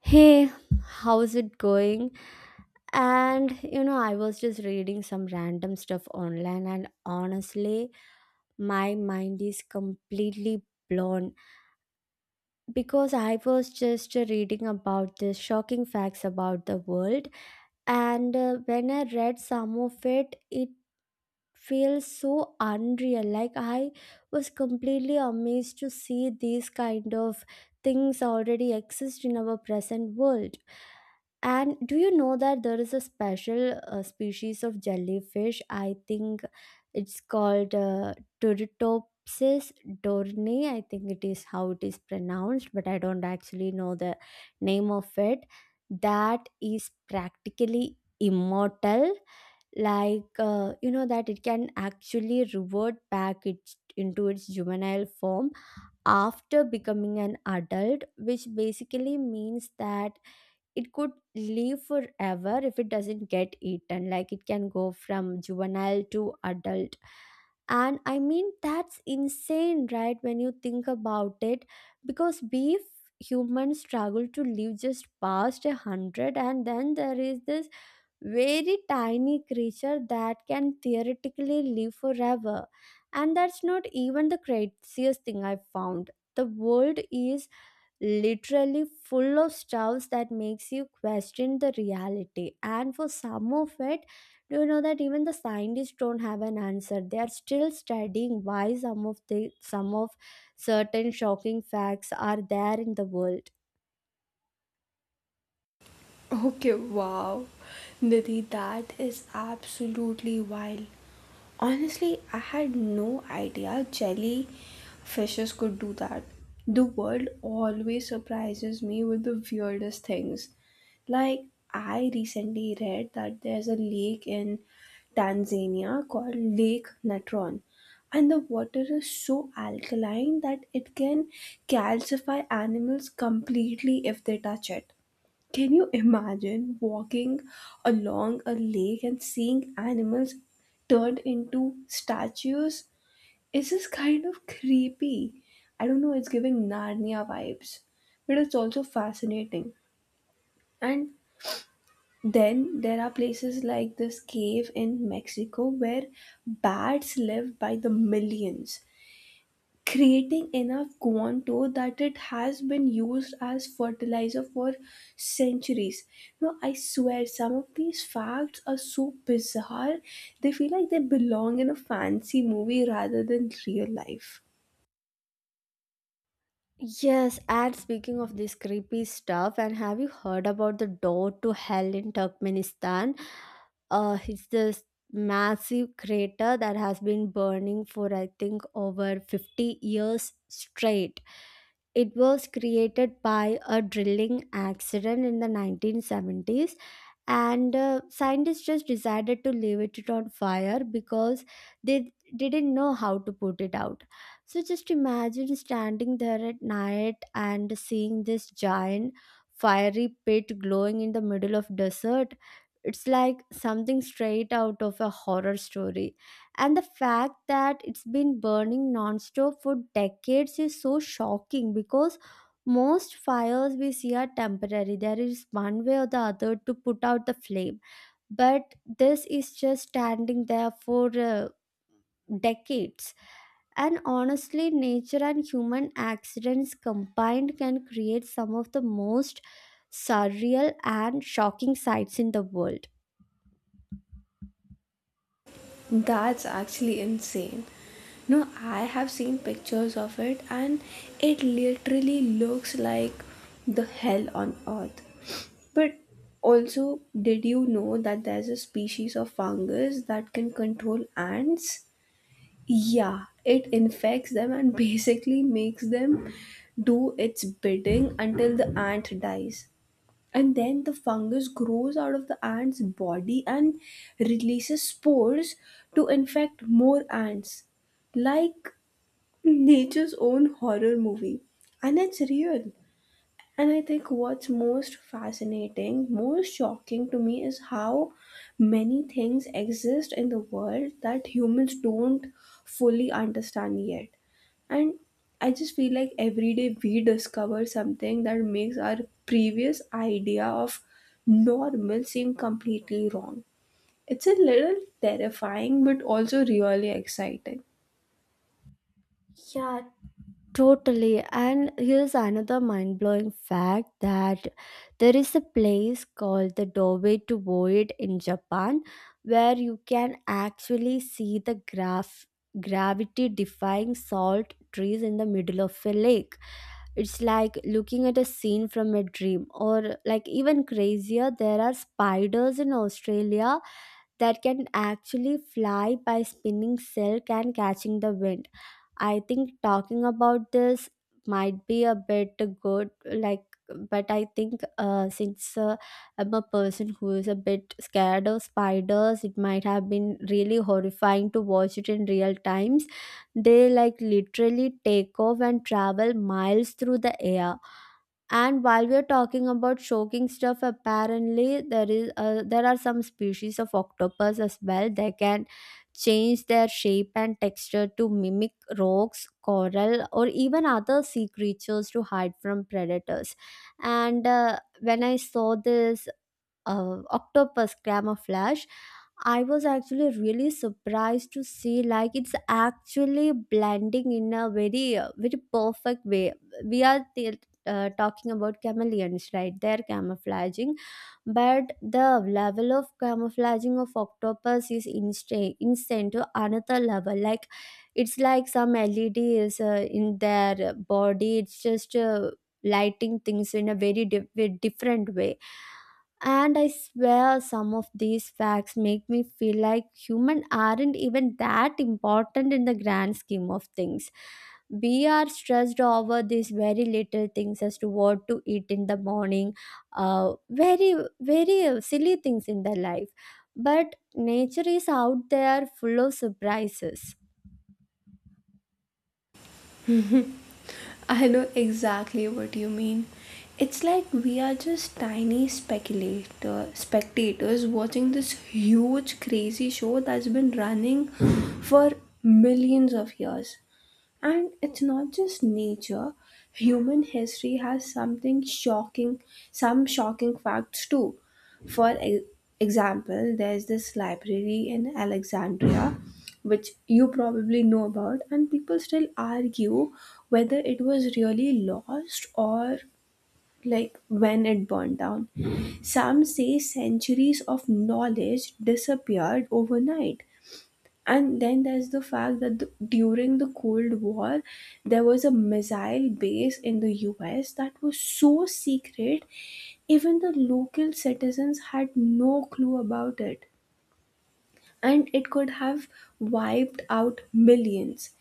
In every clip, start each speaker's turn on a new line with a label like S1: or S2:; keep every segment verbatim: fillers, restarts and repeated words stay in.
S1: Hey, how's it going? And you know, I was just reading some random stuff online, and honestly, my mind is completely blown because I was just reading about this shocking facts about the world, and uh, when I read some of it, it feels so unreal. Like, I was completely amazed to see these kind of things already exist in our present world. And do you know that there is a special uh, species of jellyfish? I think it's called uh, Turritopsis dorni. I think it is how it is pronounced, but I don't actually know the name of it. That is practically immortal. Like, uh, you know, that it can actually revert back its, into its juvenile form after becoming an adult, which basically means that it could live forever if it doesn't get eaten. Like, it can go from juvenile to adult, and I mean, that's insane, right? When you think about it, because beef, humans struggle to live just past a hundred, and then there is this very tiny creature that can theoretically live forever. And that's not even the craziest thing I've found. The world is literally full of stuffs that makes you question the reality, and for some of it, do you know that even the scientists don't have an answer? They are still studying why some of the some of certain shocking facts are there in the world.
S2: Okay, wow. Nidhi, that is absolutely wild. Honestly, I had no idea jelly fishes could do that. The world always surprises me with the weirdest things. Like, I recently read that there's a lake in Tanzania called Lake Natron, and the water is so alkaline that it can calcify animals completely if they touch it. Can you imagine walking along a lake and seeing animals turned into statues? It's just kind of creepy. I don't know, it's giving Narnia vibes, but it's also fascinating. And then there are places like this cave in Mexico where bats live by the millions creating enough guanto that it has been used as fertilizer for centuries. No, I swear some of these facts are so bizarre, they feel like they belong in a fancy movie rather than real life.
S1: Yes, and speaking of this creepy stuff, and have you heard about the door to hell in Turkmenistan? Uh, it's this massive crater that has been burning for I think over fifty years straight. It was created by a drilling accident in the nineteen seventies, and uh, scientists just decided to leave it on fire because they didn't know how to put it out. So just imagine standing there at night and seeing this giant fiery pit glowing in the middle of desert. It's like something straight out of a horror story, and the fact that it's been burning non-stop for decades is so shocking because most fires we see are temporary. There is one way or the other to put out the flame. But this is just standing there for uh, decades. And honestly, nature and human accidents combined can create some of the most surreal and shocking sights in the world.
S2: That's actually insane. No, I have seen pictures of it and it literally looks like the hell on earth. But also, did you know that there's a species of fungus that can control ants? Yeah, it infects them and basically makes them do its bidding until the ant dies, and then the fungus grows out of the ant's body and releases spores to infect more ants, like nature's own horror movie, and it's real. And I think what's most fascinating, most shocking to me is how many things exist in the world that humans don't fully understand yet. And I just feel like every day we discover something that makes our previous idea of normal seem completely wrong. It's a little terrifying, but also really exciting.
S1: Yeah, totally. And here's another mind blowing fact that there is a place called the doorway to void in Japan where you can actually see the graph gravity defying salt trees in the middle of a lake. It's like looking at a scene from a dream, or like even crazier, there are spiders in Australia that can actually fly by spinning silk and catching the wind. I think talking about this might be a bit good, like, but I think uh, since uh, I'm a person who is a bit scared of spiders, it might have been really horrifying to watch it in real times. They like literally take off and travel miles through the air. And while we are talking about shocking stuff, apparently there is uh, there are some species of octopus as well. They can change their shape and texture to mimic rocks, coral, or even other sea creatures to hide from predators. And uh, when I saw this uh, octopus camouflage, I was actually really surprised to see like it's actually blending in a very uh, very perfect way. We are t- uh, talking about chameleons, right? They're camouflaging, but the level of camouflaging of octopus is instant instant to another level. Like, it's like some led is uh, in their body. It's just uh, lighting things in a very di- very different way. And I swear some of these facts make me feel like humans aren't even that important in the grand scheme of things. We are stressed over these very little things as to what to eat in the morning, uh, very, very silly things in the life. But nature is out there full of surprises.
S2: I know exactly what you mean. It's like we are just tiny speculator spectators watching this huge crazy show that's been running for millions of years. And it's not just nature, human history has something shocking, some shocking facts too. For e- example, there's this library in Alexandria, which you probably know about, and people still argue whether it was really lost or like when it burned down. Some say centuries of knowledge disappeared overnight. And then there's the fact that the, during the Cold War, there was a missile base in the U S that was so secret, even the local citizens had no clue about it. And it could have wiped out millions.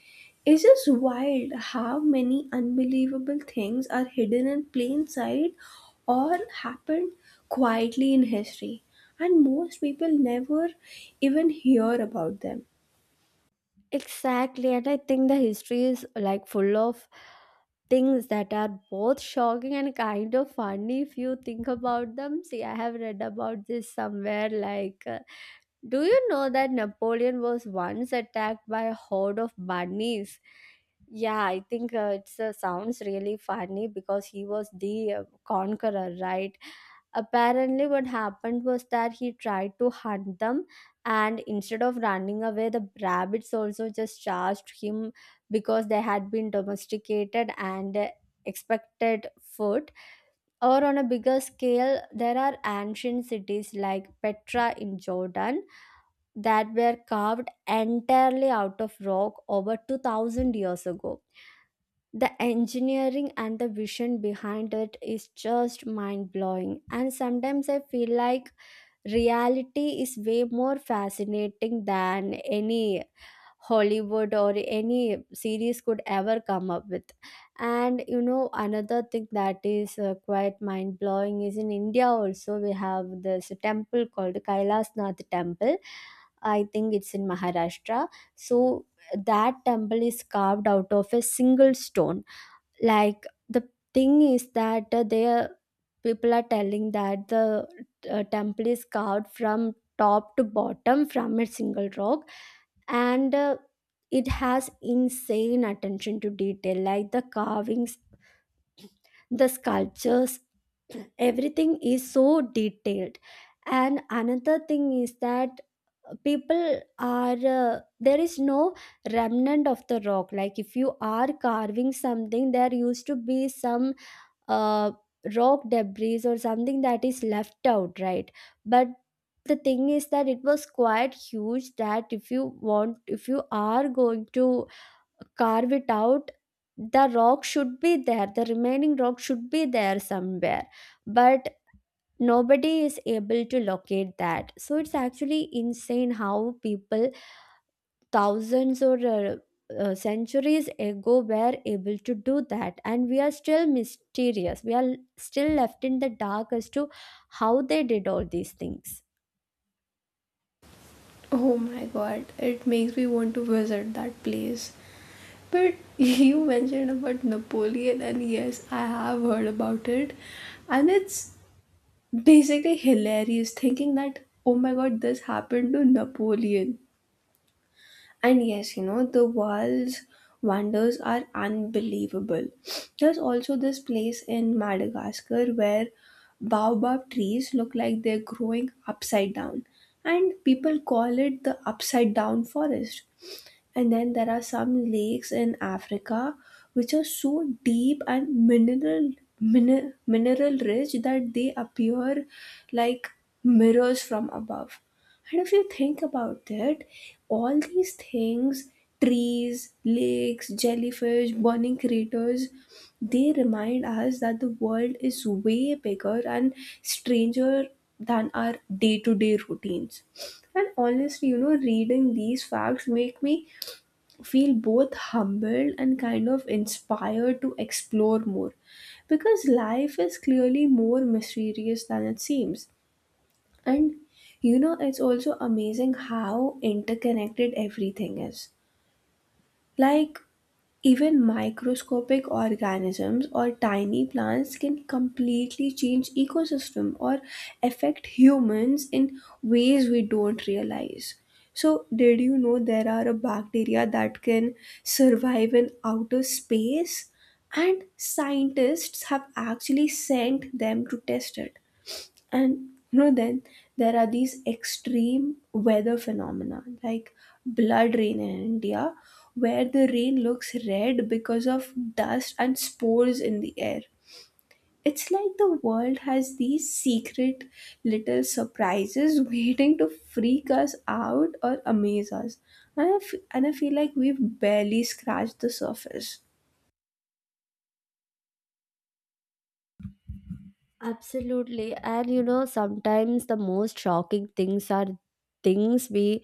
S2: It's just wild how many unbelievable things are hidden in plain sight or happened quietly in history. And most people never even hear about them.
S1: Exactly, and I think the history is like full of things that are both shocking and kind of funny if you think about them. See, I have read about this somewhere. Like, uh, do you know that Napoleon was once attacked by a horde of bunnies? Yeah, I think uh, it uh, sounds really funny because he was the uh, conqueror, right? Apparently, what happened was that he tried to hunt them, and instead of running away, the rabbits also just charged him because they had been domesticated and uh, expected food. Or on a bigger scale, there are ancient cities like Petra in Jordan that were carved entirely out of rock over two thousand years ago. The engineering and the vision behind it is just mind blowing, and sometimes I feel like reality is way more fascinating than any Hollywood or any series could ever come up with. And you know, another thing that is uh, quite mind blowing is in India also, we have this temple called Kailas Nath Temple. I think it's in Maharashtra. So that temple is carved out of a single stone. Like the thing is that uh, they people are telling that the uh, temple is carved from top to bottom from a single rock, and uh, it has insane attention to detail, like the carvings, the sculptures, everything is so detailed. And another thing is that people are uh, there is no remnant of the rock. Like if you are carving something, there used to be some uh, rock debris or something that is left out, right? But the thing is that it was quite huge that if you want, if you are going to carve it out, the rock should be there, the remaining rock should be there somewhere, but nobody is able to locate that. So it's actually insane how people thousands or uh, uh, centuries ago were able to do that, and we are still mysterious, we are still left in the dark as to how they did all these things.
S2: Oh my god, it makes me want to visit that place. But you mentioned about Napoleon, and yes, I have heard about it. And it's basically hilarious thinking that, oh my god, this happened to Napoleon. And yes, you know, the world's wonders are unbelievable. There's also this place in Madagascar where baobab trees look like they're growing upside down, and people call it the upside down forest. And then there are some lakes in Africa which are so deep and mineral miner, mineral rich that they appear like mirrors from above. And if you think about it, all these things, trees, lakes, jellyfish, burning craters, they remind us that the world is way bigger and stranger than our day to day routines. And honestly, you know, reading these facts make me feel both humbled and kind of inspired to explore more because life is clearly more mysterious than it seems. And you know, it's also amazing how interconnected everything is, like even microscopic organisms or tiny plants can completely change ecosystem or affect humans in ways we don't realize. So, did you know there are a bacteria that can survive in outer space? And scientists have actually sent them to test it. And you know, then there are these extreme weather phenomena like blood rain in india, where the rain looks red because of dust and spores in the air. It's like the world has these secret little surprises waiting to freak us out or amaze us. And I f- and I feel like we've barely scratched the surface.
S1: Absolutely, and you know sometimes the most shocking things are things we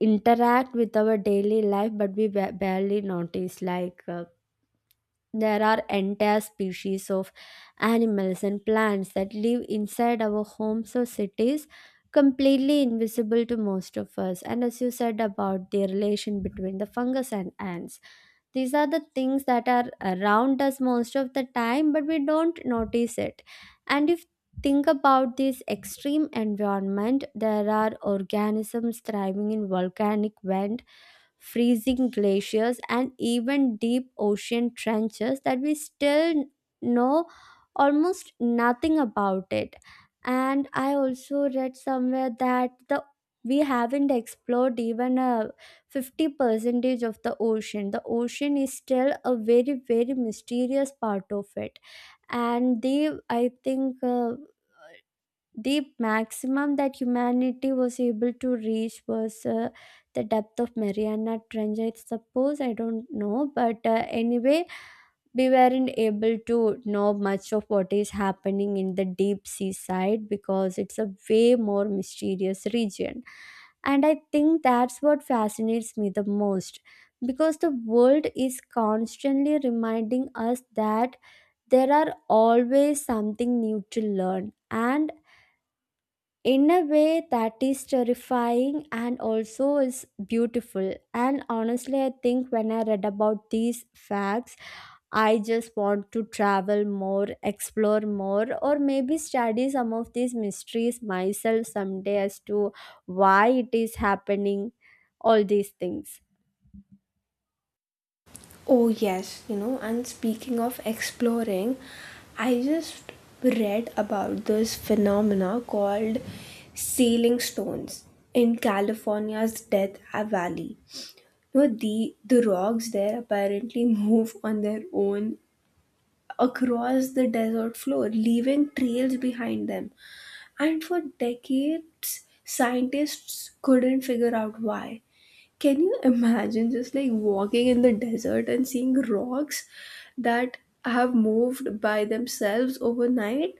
S1: interact with our daily life, but we ba- barely notice. Like, uh, there are entire species of animals and plants that live inside our homes or cities, completely invisible to most of us. And as you said about the relation between the fungus and ants, these are the things that are around us most of the time, but we don't notice it. And if think about this extreme environment, there are organisms thriving in volcanic vent, freezing glaciers, and even deep ocean trenches that we still know almost nothing about it. And I also read somewhere that the we haven't explored even a fifty percentage of the ocean. The ocean is still a very very mysterious part of it. And they, I think uh, the maximum that humanity was able to reach was uh, the depth of Mariana Trench, I suppose, I don't know, but uh, anyway, we weren't able to know much of what is happening in the deep sea side because it's a way more mysterious region. And I think that's what fascinates me the most because the world is constantly reminding us that there are always something new to learn. And in a way, that is terrifying and also is beautiful. And honestly, I think when I read about these facts, I just want to travel more, explore more, or maybe study some of these mysteries myself someday as to why it is happening, all these things.
S2: Oh, yes, you know, and speaking of exploring, I just read about this phenomena called sealing stones in California's Death Valley. You know, the, the rocks there apparently move on their own across the desert floor, leaving trails behind them. And for decades, scientists couldn't figure out why. Can you imagine just like walking in the desert and seeing rocks that have moved by themselves overnight?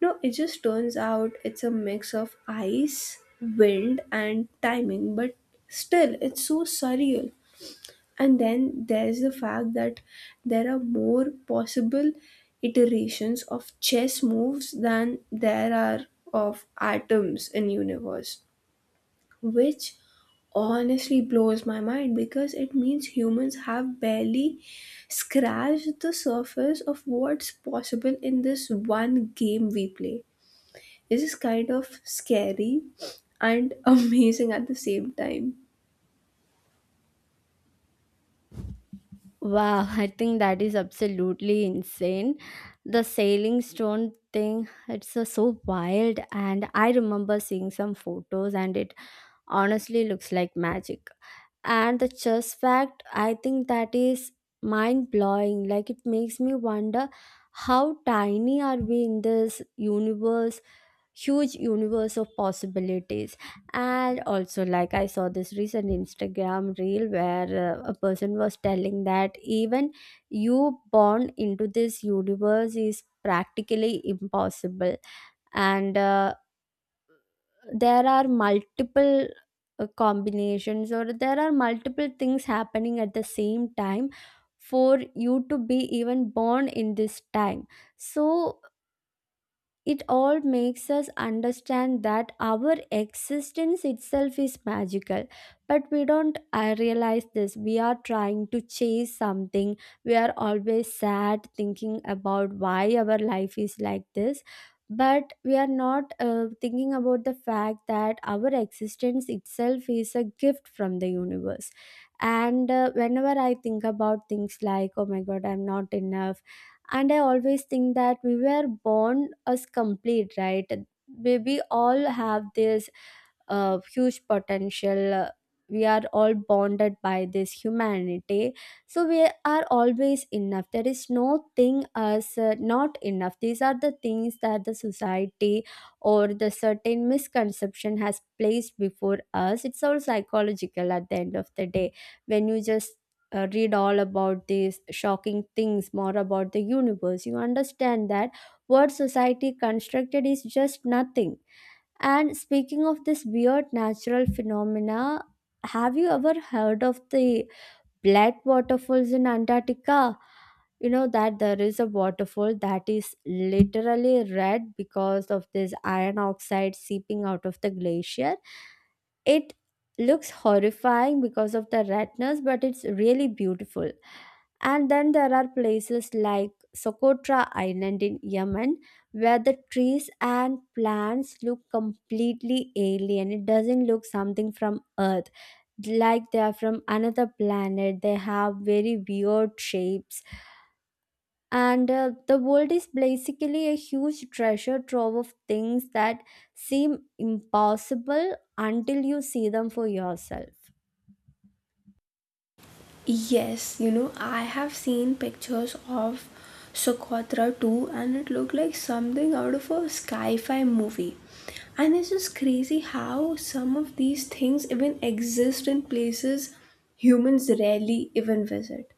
S2: No, it just turns out it's a mix of ice, wind, and timing, but still, it's so surreal. And then there's the fact that there are more possible iterations of chess moves than there are of atoms in universe, which honestly blows my mind because it means humans have barely scratched the surface of what's possible in this one game we play. This is kind of scary and amazing at the same time.
S1: Wow, I think that is absolutely insane. The sailing stone thing, it's uh, so wild. And I remember seeing some photos, and it honestly looks like magic. And the chess fact, I think that is mind blowing. Like, it makes me wonder how tiny are we in this universe, huge universe of possibilities. And also, like I saw this recent Instagram reel where uh, a person was telling that even you born into this universe is practically impossible, and uh, there are multiple uh, combinations, or there are multiple things happening at the same time for you to be even born in this time. So it all makes us understand that our existence itself is magical, but we don't uh, realize this. We are trying to chase something. We are always sad thinking about why our life is like this. But we are not uh, thinking about the fact that our existence itself is a gift from the universe. And uh, whenever I think about things like, oh my god, I'm not enough, and I always think that we were born as complete, right? We, we all have this uh, huge potential. Uh, we are all bonded by this humanity, so we are always enough. There is no thing as uh, not enough. These are the things that the society or the certain misconception has placed before us. It's all psychological at the end of the day. When you just uh, read all about these shocking things, more about the universe, you understand that what society constructed is just nothing. And speaking of this weird natural phenomena, have you ever heard of the blood waterfalls in Antarctica? You know that there is a waterfall that is literally red because of this iron oxide seeping out of the glacier. It looks horrifying because of the redness, but it's really beautiful. And then there are places like Socotra Island in Yemen where the trees and plants look completely alien. It doesn't look something from Earth, like they are from another planet. They have very weird shapes, and uh, the world is basically a huge treasure trove of things that seem impossible until you see them for yourself.
S2: Yes, you know, I have seen pictures of Socotra too, and it looked like something out of a sci fi movie. And it's just crazy how some of these things even exist in places humans rarely even visit.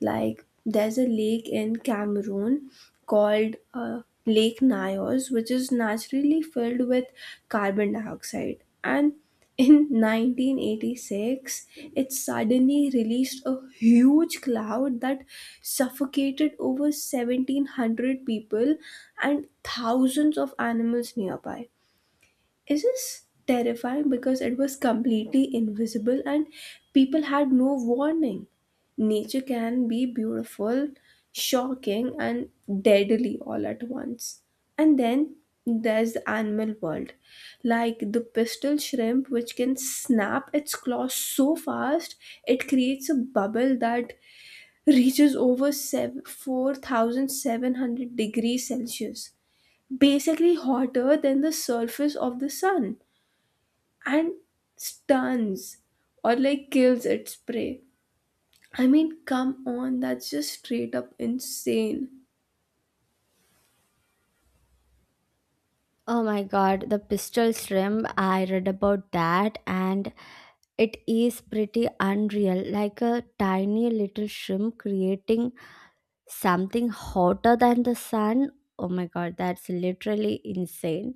S2: Like there's a lake in Cameroon called uh, Lake Nyos, which is naturally filled with carbon dioxide. And in nineteen eighty-six, it suddenly released a huge cloud that suffocated over seventeen hundred people and thousands of animals nearby. It is terrifying because it was completely invisible and people had no warning. Nature can be beautiful, shocking, and deadly all at once. And then there's the animal world, like the pistol shrimp, which can snap its claws so fast it creates a bubble that reaches over sev- four thousand seven hundred degrees Celsius, basically hotter than the surface of the sun and stuns or like kills its prey. I mean, come on, that's just straight up insane.
S1: Oh my god, the pistol shrimp, I read about that, and it is pretty unreal. Like a tiny little shrimp creating something hotter than the sun. Oh my god, that's literally insane.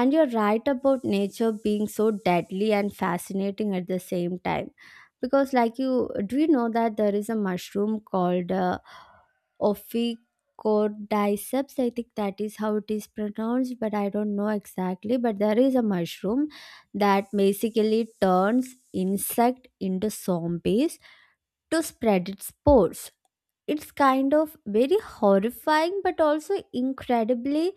S1: And you're right about nature being so deadly and fascinating at the same time. Because, like you, do you know that there is a mushroom called uh, Ophicodyceps? I think that is how it is pronounced, but I don't know exactly. But there is a mushroom that basically turns insect into zombies to spread its spores. It's kind of very horrifying, but also incredibly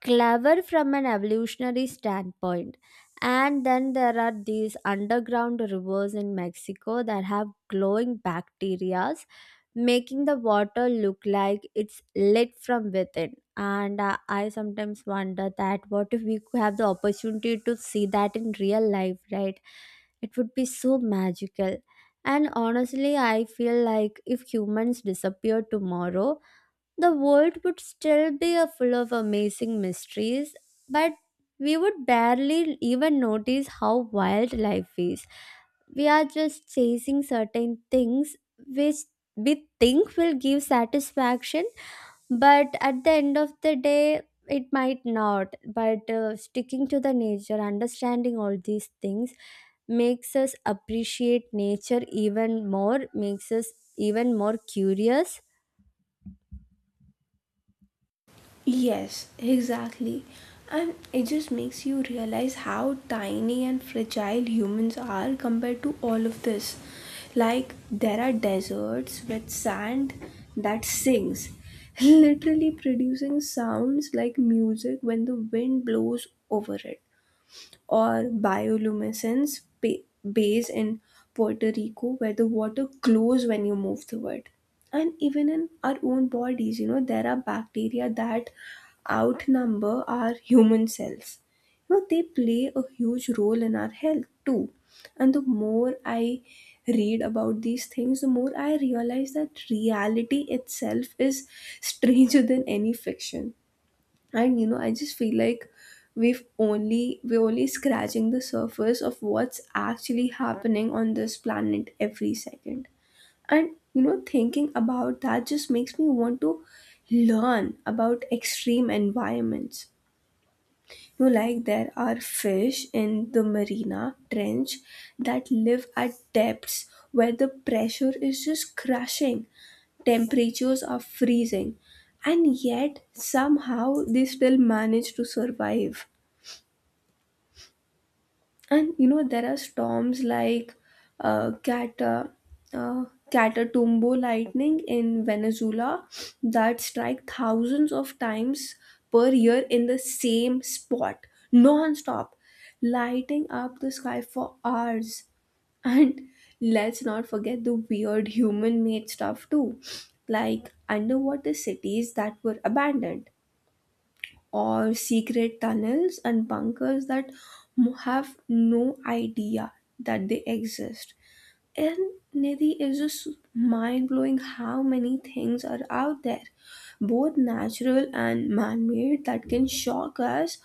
S1: clever from an evolutionary standpoint. And then there are these underground rivers in Mexico that have glowing bacterias, making the water look like it's lit from within. And uh, I sometimes wonder that what if we could have the opportunity to see that in real life, right? It would be so magical. And honestly, I feel like if humans disappear tomorrow, the world would still be a full of amazing mysteries, but we would barely even notice how wild life is. We are just chasing certain things which we think will give satisfaction, but at the end of the day, it might not. But uh, sticking to the nature, understanding all these things makes us appreciate nature even more, makes us even more curious.
S2: Yes, exactly. And it just makes you realize how tiny and fragile humans are compared to all of this. Like, there are deserts with sand that sings, literally producing sounds like music when the wind blows over it. Or bioluminescence ba- bays in Puerto Rico, where the water glows when you move through it. And even in our own bodies, you know, there are bacteria that outnumber our human cells. You know, they play a huge role in our health too. And the more I read about these things, the more I realize that reality itself is stranger than any fiction. And you know, I just feel like we've only we're only scratching the surface of what's actually happening on this planet every second. And you know, thinking about that just makes me want to learn about extreme environments. You know, like there are fish in the marina trench that live at depths where the pressure is just crushing, temperatures are freezing, and yet somehow they still manage to survive. And you know, there are storms like uh, Cata, uh, Catatumbo lightning in Venezuela that strike thousands of times per year in the same spot non-stop, lighting up the sky for hours. And let's not forget the weird human made stuff too, like underwater cities that were abandoned, or secret tunnels and bunkers that m- have no idea that they exist. And Nidhi is just mind blowing how many things are out there, both natural and man made, that can shock us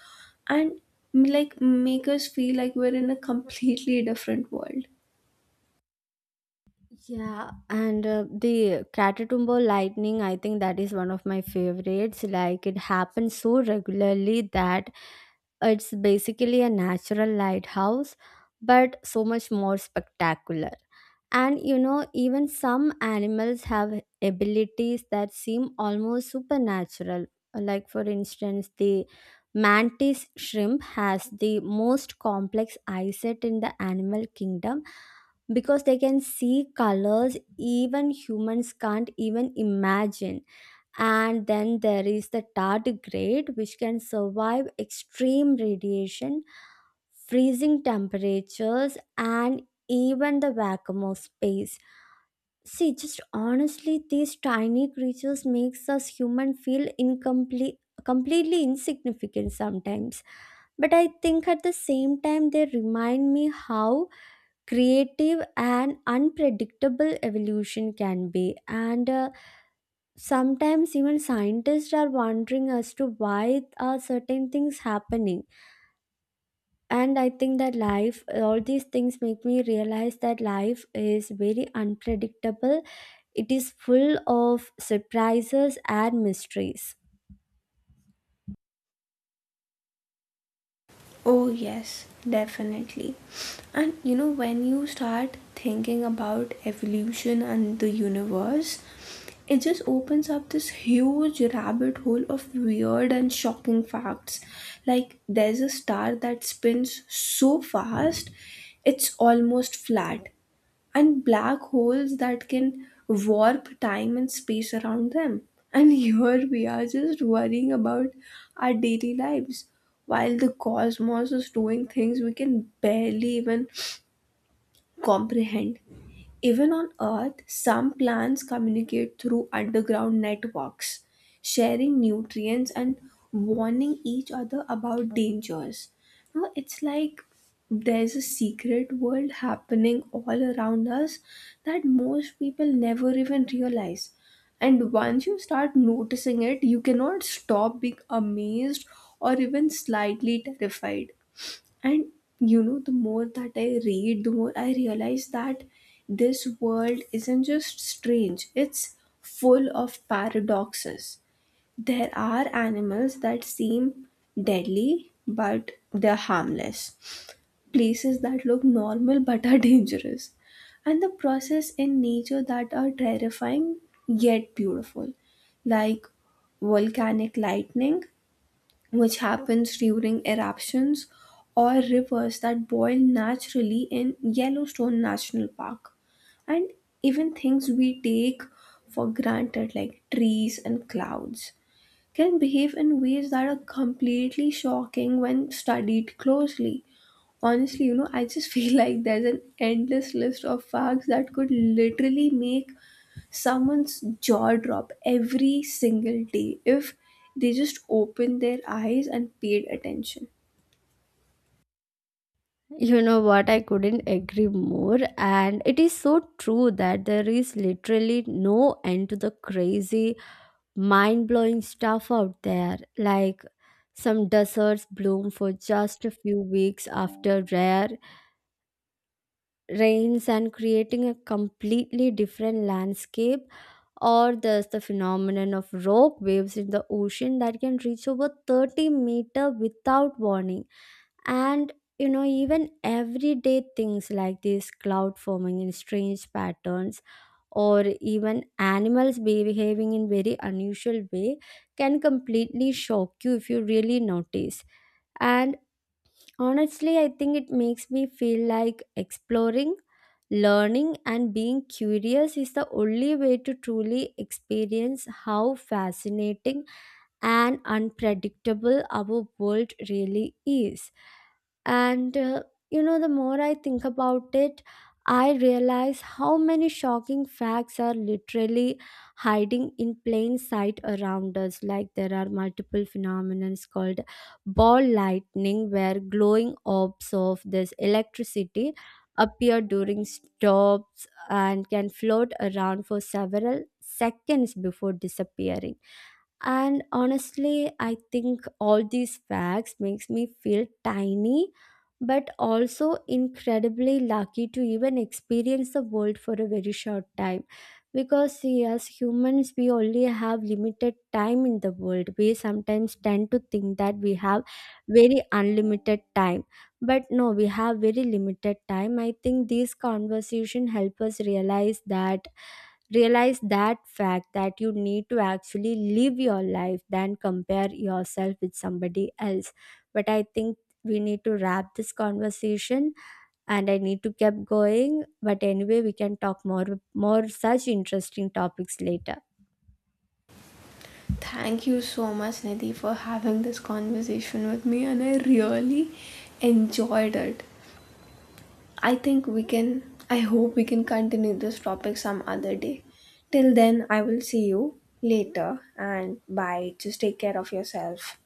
S2: and like make us feel like we're in a completely different world.
S1: Yeah, and uh, the Catatumbo lightning, I think that is one of my favorites. Like it happens so regularly that it's basically a natural lighthouse, but so much more spectacular. And you know, even some animals have abilities that seem almost supernatural. Like for instance, the mantis shrimp has the most complex eyesight in the animal kingdom because they can see colors even humans can't even imagine. And then there is the tardigrade, which can survive extreme radiation, freezing temperatures, and even the vacuum of space. See, just honestly, these tiny creatures makes us human feel incomplete, completely insignificant sometimes. But I think at the same time, they remind me how creative and unpredictable evolution can be. And uh, sometimes even scientists are wondering as to why are certain things happening, and I think that life, all these things make me realize that life is very unpredictable. It is full of surprises and mysteries.
S2: Oh, yes, definitely. And you know, when you start thinking about evolution and the universe, it just opens up this huge rabbit hole of weird and shocking facts. Like, there's a star that spins so fast, it's almost flat, and black holes that can warp time and space around them. And here we are just worrying about our daily lives while the cosmos is doing things we can barely even comprehend. Even on Earth, some plants communicate through underground networks, sharing nutrients and warning each other about dangers. Now, it's like there's a secret world happening all around us that most people never even realize. And once you start noticing it, you cannot stop being amazed or even slightly terrified. And you know, the more that I read, the more I realize that this world isn't just strange, it's full of paradoxes. There are animals that seem deadly, but they're harmless. Places that look normal but are dangerous. And the process in nature that are terrifying yet beautiful, like volcanic lightning which happens during eruptions or rivers that boil naturally in Yellowstone National Park. And even things we take for granted, like trees and clouds, can behave in ways that are completely shocking when studied closely. Honestly, you know, I just feel like there's an endless list of facts that could literally make someone's jaw drop every single day if they just opened their eyes and paid attention.
S1: You know what, I couldn't agree more, and it is so true that there is literally no end to the crazy mind blowing stuff out there. Like some deserts bloom for just a few weeks after rare rains, and creating a completely different landscape, or there's the phenomenon of rock waves in the ocean that can reach over thirty meter without warning. And you know, even everyday things like this cloud forming in strange patterns, or even animals behaving in very unusual way can completely shock you if you really notice. And honestly, I think it makes me feel like exploring, learning, and being curious is the only way to truly experience how fascinating and unpredictable our world really is. And uh, you know, the more I think about it, I realize how many shocking facts are literally hiding in plain sight around us. Like there are multiple phenomena called ball lightning where glowing orbs of this electricity appear during stops and can float around for several seconds before disappearing. And honestly, I think all these facts makes me feel tiny, but also incredibly lucky to even experience the world for a very short time. Because see, as humans, we only have limited time in the world. We sometimes tend to think that we have very unlimited time, but no, we have very limited time. I think these conversation help us realize that, realize that fact that you need to actually live your life than compare yourself with somebody else. But I think we need to wrap this conversation, and I need to keep going. But anyway, we can talk more, more such interesting topics later.
S2: Thank you so much, Nidhi, for having this conversation with me, and I really enjoyed it. I think we can, I hope we can continue this topic some other day. Till then, I will see you later, and bye. Just take care of yourself.